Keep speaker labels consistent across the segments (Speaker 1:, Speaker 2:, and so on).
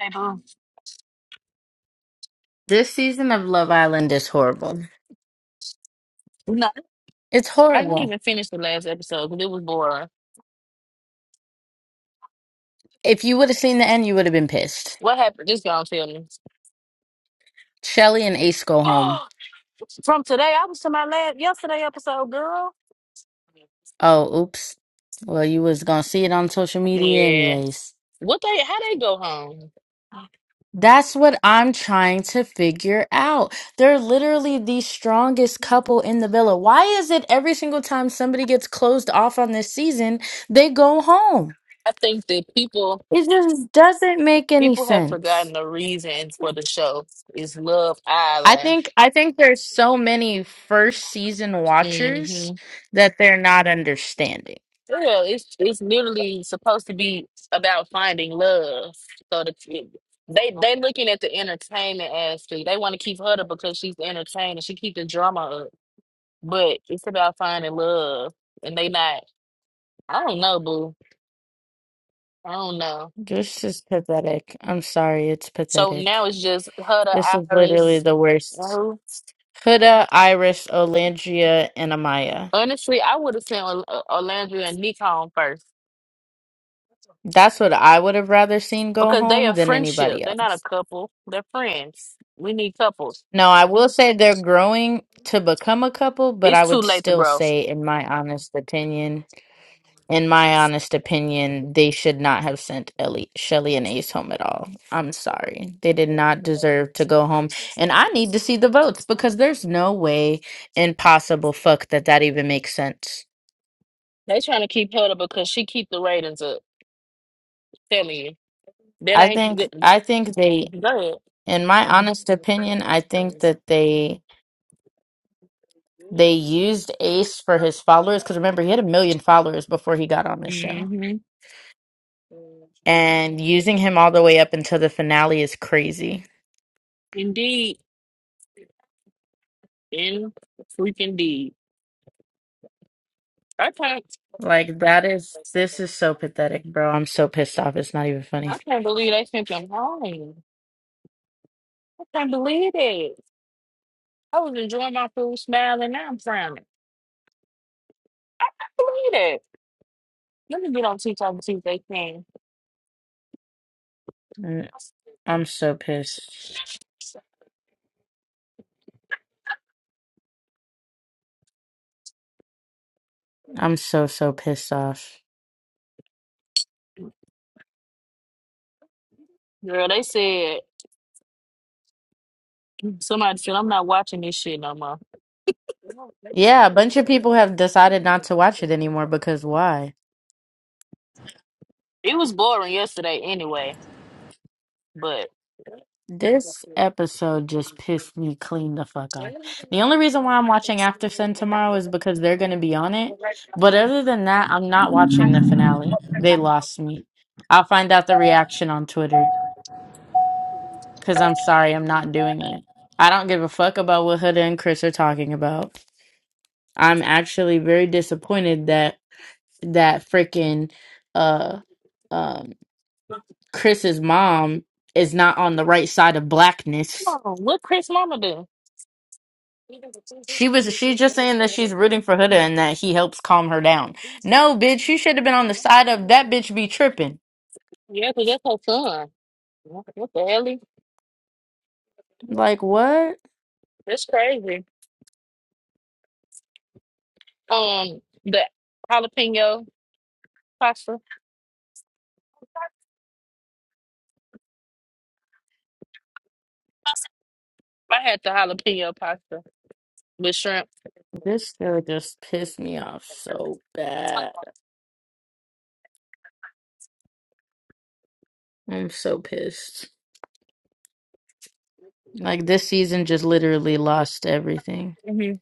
Speaker 1: Hey, boo.
Speaker 2: This season of Love Island is horrible.
Speaker 1: No,
Speaker 2: It's
Speaker 1: I didn't
Speaker 2: horrible.
Speaker 1: even finish the last episode because it was boring.
Speaker 2: If you would have seen the end, you would have been pissed.
Speaker 1: What happened? Just gonna tell me.
Speaker 2: Shelly and Ace go home.
Speaker 1: From today, I was to my last yesterday episode, girl.
Speaker 2: Oh, oops. Well, you was gonna see it on social media
Speaker 1: Yeah.
Speaker 2: anyways.
Speaker 1: What they? How they go home?
Speaker 2: That's what I'm trying to figure out. They're literally the strongest couple in the villa. Why is it every single time somebody gets closed off on this season, they go home?
Speaker 1: I think that people
Speaker 2: It just doesn't make any
Speaker 1: people have
Speaker 2: sense.
Speaker 1: forgotten the reason for the show is Love
Speaker 2: I
Speaker 1: Island.
Speaker 2: think I think there's so many first season
Speaker 1: Mm-hmm.
Speaker 2: watchers that they're not understanding.
Speaker 1: Yeah, it's it's literally supposed to be about finding love. So the they they looking at the entertainment aspect. They want to keep her up because she's entertaining. She keep the drama up, but it's about finding love, and they not. I don't know, boo. I don't know.
Speaker 2: This is pathetic. I'm sorry, it's
Speaker 1: So now
Speaker 2: pathetic.
Speaker 1: it's just Huda,
Speaker 2: This is literally
Speaker 1: Iris,
Speaker 2: the
Speaker 1: and
Speaker 2: worst.
Speaker 1: who?
Speaker 2: Huda, Iris, Olandria, and Amaya.
Speaker 1: Honestly, I would have sent Ol- uh, Olandria and Nick home first
Speaker 2: That's what I would have rather seen go
Speaker 1: because they
Speaker 2: home
Speaker 1: are
Speaker 2: than
Speaker 1: friendship.
Speaker 2: anybody
Speaker 1: They're not a
Speaker 2: else.
Speaker 1: couple. They're friends. We need couples.
Speaker 2: No, I will say they're growing to become a couple, but
Speaker 1: It's
Speaker 2: I
Speaker 1: too
Speaker 2: would
Speaker 1: late to
Speaker 2: still
Speaker 1: grow.
Speaker 2: say, in my honest opinion, in my honest opinion, they should not have sent Ellie, Shelly and Ace home at all. I'm sorry. They did not deserve to go home. And I need to see the votes because there's no way in possible fuck that that even makes sense.
Speaker 1: They trying to keep her because she keep the ratings up. Tell me, that
Speaker 2: I
Speaker 1: ain't
Speaker 2: think
Speaker 1: good.
Speaker 2: I think they
Speaker 1: Go ahead.
Speaker 2: in my honest opinion, I think that they they used Ace for his followers cuz remember he had a million followers before he got on the show.
Speaker 1: hmm
Speaker 2: And using him all the way up until the finale is crazy.
Speaker 1: Indeed, in freaking deed. Okay.
Speaker 2: Like that is this is so pathetic, bro. I'm so pissed off. It's not even funny.
Speaker 1: I can't believe they sent them home. I can't believe it. I was enjoying my food, smiling. Now I'm frowning. I can't believe it. Let me get on TikTok and see if they can.
Speaker 2: Mm, I'm so pissed. I'm so so pissed off.
Speaker 1: Girl, they said somebody said I'm not watching this shit no more.
Speaker 2: Yeah, a bunch of people have decided not to watch it anymore because why?
Speaker 1: It was boring yesterday anyway, but
Speaker 2: This episode just pissed me clean the fuck off. The only reason why I'm watching After Sun tomorrow is because they're going to be on it. But other than that, I'm not watching the finale. They lost me. I'll find out the reaction on Twitter because I'm sorry, I'm not doing it. I don't give a fuck about what Huda and Chris are talking about. I'm actually very disappointed that that freaking uh um Chris's mom is not on the right side of blackness
Speaker 1: Oh, what Chris Mama do? Yeah, 'cause that's
Speaker 2: She was
Speaker 1: her son.
Speaker 2: she's just saying that she's rooting for Huda and that he helps calm her down. No, bitch, you should have been on the side of that bitch be tripping.
Speaker 1: What the hell?
Speaker 2: Like what?
Speaker 1: That's crazy. Um, the jalapeno pasta. I had the jalapeno pasta with shrimp.
Speaker 2: This girl just pissed me off so bad. I'm so pissed. Like this season just literally lost everything.
Speaker 1: hmm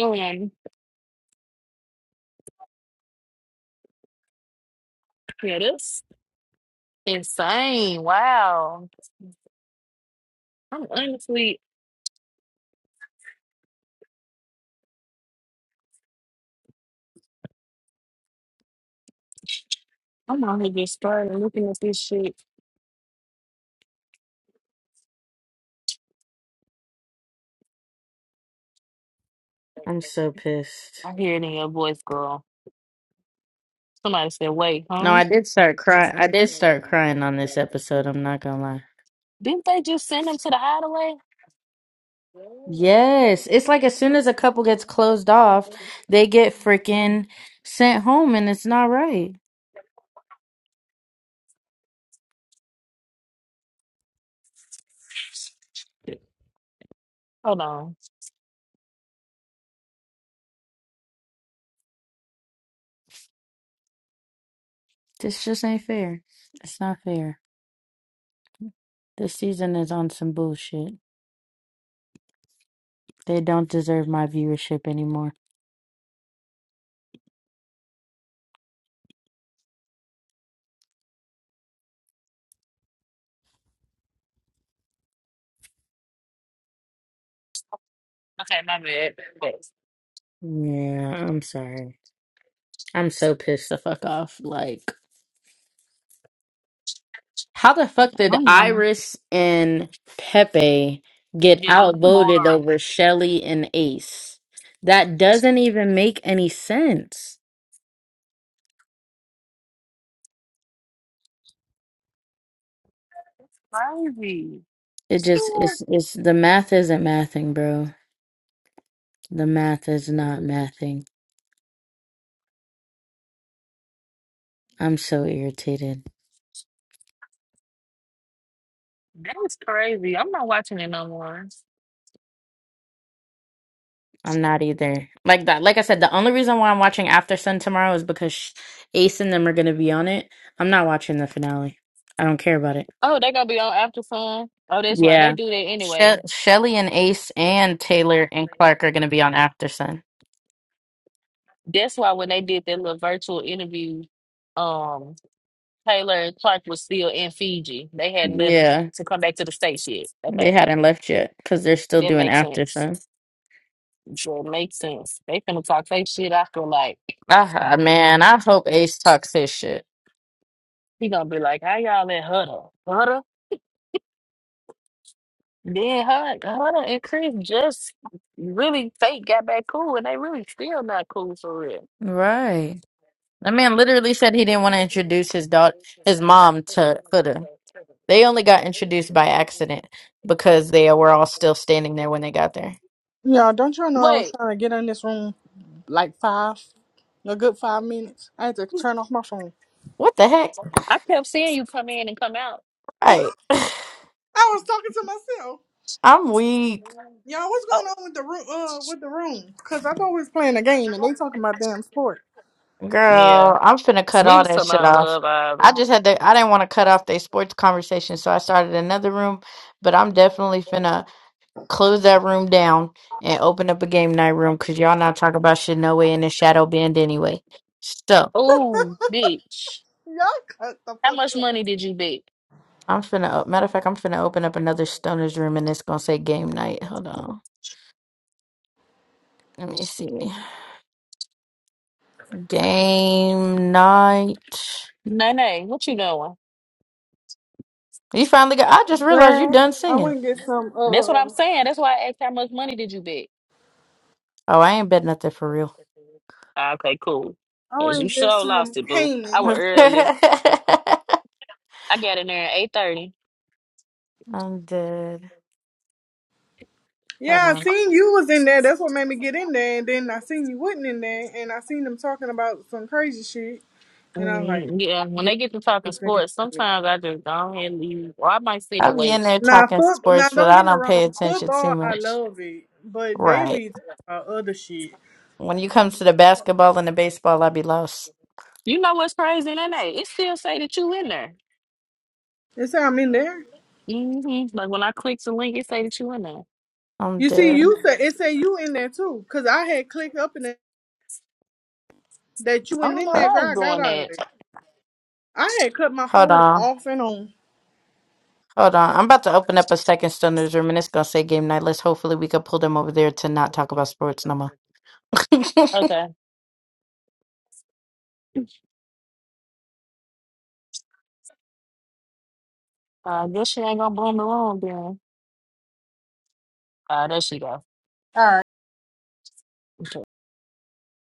Speaker 1: Um, yeah, this insane. Wow. I'm honestly, I'm only just starting looking at this shit.
Speaker 2: I'm so pissed.
Speaker 1: I hear it in your voice, girl. Somebody said, wait,
Speaker 2: No,
Speaker 1: huh?
Speaker 2: I did start crying. I did start crying on this episode, I'm not gonna lie.
Speaker 1: Didn't they just send him to the hideaway?
Speaker 2: Yes. It's like as soon as a couple gets closed off, they get freaking sent home and it's not right.
Speaker 1: Hold on.
Speaker 2: This just ain't fair. It's not fair. This season is on some bullshit. They don't deserve my viewership anymore.
Speaker 1: Okay, my bad. Yes.
Speaker 2: Yeah, I'm sorry. I'm so pissed the fuck off. Like, how the fuck
Speaker 1: I
Speaker 2: did
Speaker 1: don't remember.
Speaker 2: Iris and Pepe get
Speaker 1: Yeah, because they
Speaker 2: outvoted
Speaker 1: boring.
Speaker 2: over Shelly and Ace? That doesn't even make any sense.
Speaker 1: That's crazy.
Speaker 2: It just
Speaker 1: Stuart,
Speaker 2: it's it's the math isn't mathing, bro. The math is not mathing. I'm so irritated.
Speaker 1: That's crazy. I'm not watching it no more.
Speaker 2: I'm not either. Like that. Like I said, the only reason why I'm watching After Sun tomorrow is because sh- Ace and them are going to be on it. I'm not watching the finale. I don't care about it.
Speaker 1: Oh, they gonna be on After Fun? Oh, that's right. They
Speaker 2: Yeah.
Speaker 1: do that
Speaker 2: She-
Speaker 1: anyway.
Speaker 2: Shelly and Ace and Taylor and Clark are going to be on After Sun.
Speaker 1: That's why when they did that little virtual interview, um, Taylor and Clark was still in Fiji. They hadn't left
Speaker 2: Yeah.
Speaker 1: to come back to the States yet.
Speaker 2: They
Speaker 1: Okay.
Speaker 2: hadn't left yet because they're still
Speaker 1: That
Speaker 2: doing
Speaker 1: makes
Speaker 2: After
Speaker 1: sense.
Speaker 2: Sun.
Speaker 1: Sure makes sense. They finna talk their shit after like
Speaker 2: Ah, man. I hope Ace talks his shit.
Speaker 1: He gonna be like, "How y'all let Hutter, Hutter, then Hutter, Hutter and Chris just really fake got back cool, and they really still not cool for real."
Speaker 2: Right. That man literally said he didn't want to introduce his daughter, his mom to Huda. They only got introduced by accident because they were all still standing there when they got there.
Speaker 3: Y'all, don't y'all know I was
Speaker 1: Wait,
Speaker 3: trying to get in this room like five, a good five minutes. I had to turn off my phone.
Speaker 2: What the heck?
Speaker 1: I kept seeing you come in and come out.
Speaker 3: I
Speaker 2: Right.
Speaker 3: was talking to myself.
Speaker 2: I'm weak,
Speaker 3: Y'all, what's
Speaker 1: Oh,
Speaker 3: going on with the room? Uh, with the room? Cause I thought we was playing a game and they talking about damn sport.
Speaker 1: yeah,
Speaker 2: girl. I'm finna cut
Speaker 1: we
Speaker 2: all
Speaker 1: was
Speaker 2: that
Speaker 1: talking
Speaker 2: shit
Speaker 1: about
Speaker 2: off.
Speaker 1: love.
Speaker 2: I
Speaker 1: Island.
Speaker 2: just had to, I didn't want to cut off their sports conversation, so I started another room, but I'm definitely finna close that room down and open up a game night room because y'all not talking about shit no way in the shadow band anyway. So,
Speaker 1: Oh, bitch.
Speaker 3: Y'all cut the
Speaker 1: How
Speaker 3: fuck
Speaker 1: much
Speaker 3: up,
Speaker 1: money did you bet?
Speaker 2: I'm finna, matter of fact, I'm finna open up another stoner's room and it's gonna say game night. Hold on. Let me see. Game night.
Speaker 1: Nene, what you doing?
Speaker 2: You finally got. I just realized you
Speaker 3: girl.
Speaker 2: done
Speaker 3: I
Speaker 2: singing.
Speaker 3: went and get some.
Speaker 1: That's what I'm
Speaker 3: Uh,
Speaker 1: saying. That's why I asked how much money did you bet?
Speaker 2: Oh, I ain't bet nothing for real.
Speaker 1: Ah, Okay, cool.
Speaker 3: I
Speaker 1: 'Cause
Speaker 3: went
Speaker 1: you
Speaker 3: and get
Speaker 1: sure
Speaker 3: some
Speaker 1: lost it, boo. I was
Speaker 2: I'm
Speaker 3: Cayman.
Speaker 1: early. I got in there at 8.30.
Speaker 2: dead. Hold
Speaker 3: Yeah, I
Speaker 2: on.
Speaker 3: seen you was in there. That's what made me get in there. And then I seen you wasn't in there, and I seen them talking about some crazy shit. And I was like,
Speaker 1: Mm, Yeah, when
Speaker 3: yeah,
Speaker 1: they get to talking
Speaker 3: this
Speaker 1: sports,
Speaker 3: thing.
Speaker 1: sometimes I just go ahead and leave, or I might sit
Speaker 2: I
Speaker 1: and
Speaker 2: be in
Speaker 1: wait.
Speaker 2: there
Speaker 3: Now,
Speaker 2: talking
Speaker 3: foot, now
Speaker 2: sports, but
Speaker 3: don't
Speaker 2: I
Speaker 3: get me
Speaker 2: don't pay
Speaker 3: wrong.
Speaker 2: attention too
Speaker 3: Football, I
Speaker 2: much.
Speaker 3: love it, but they
Speaker 2: Right.
Speaker 3: be talking about other shit.
Speaker 2: When you come to the basketball and the baseball, I be lost.
Speaker 1: You know what's crazy, in that? It still say that you in there.
Speaker 3: They say I'm in there.
Speaker 1: hmm Like when I click the link, it say that you in there.
Speaker 2: I'm
Speaker 3: You see,
Speaker 2: dead.
Speaker 3: you said it say you in there too, cause I had clicked up in there that you
Speaker 1: I
Speaker 3: went
Speaker 1: don't
Speaker 3: in
Speaker 1: know
Speaker 2: Ho-
Speaker 3: that
Speaker 1: why it's
Speaker 3: girl. I got
Speaker 1: doing
Speaker 3: out of
Speaker 1: that.
Speaker 3: there. I had cut my
Speaker 2: Hold
Speaker 3: phone
Speaker 2: on.
Speaker 3: off and on.
Speaker 2: Hold on. I'm about to open up a second stunner's room and it's gonna say game night. Let's hopefully we can pull them over there to not talk about sports no more.
Speaker 1: Okay, uh, I guess she ain't gonna blow me wrong then. Uh, there she go.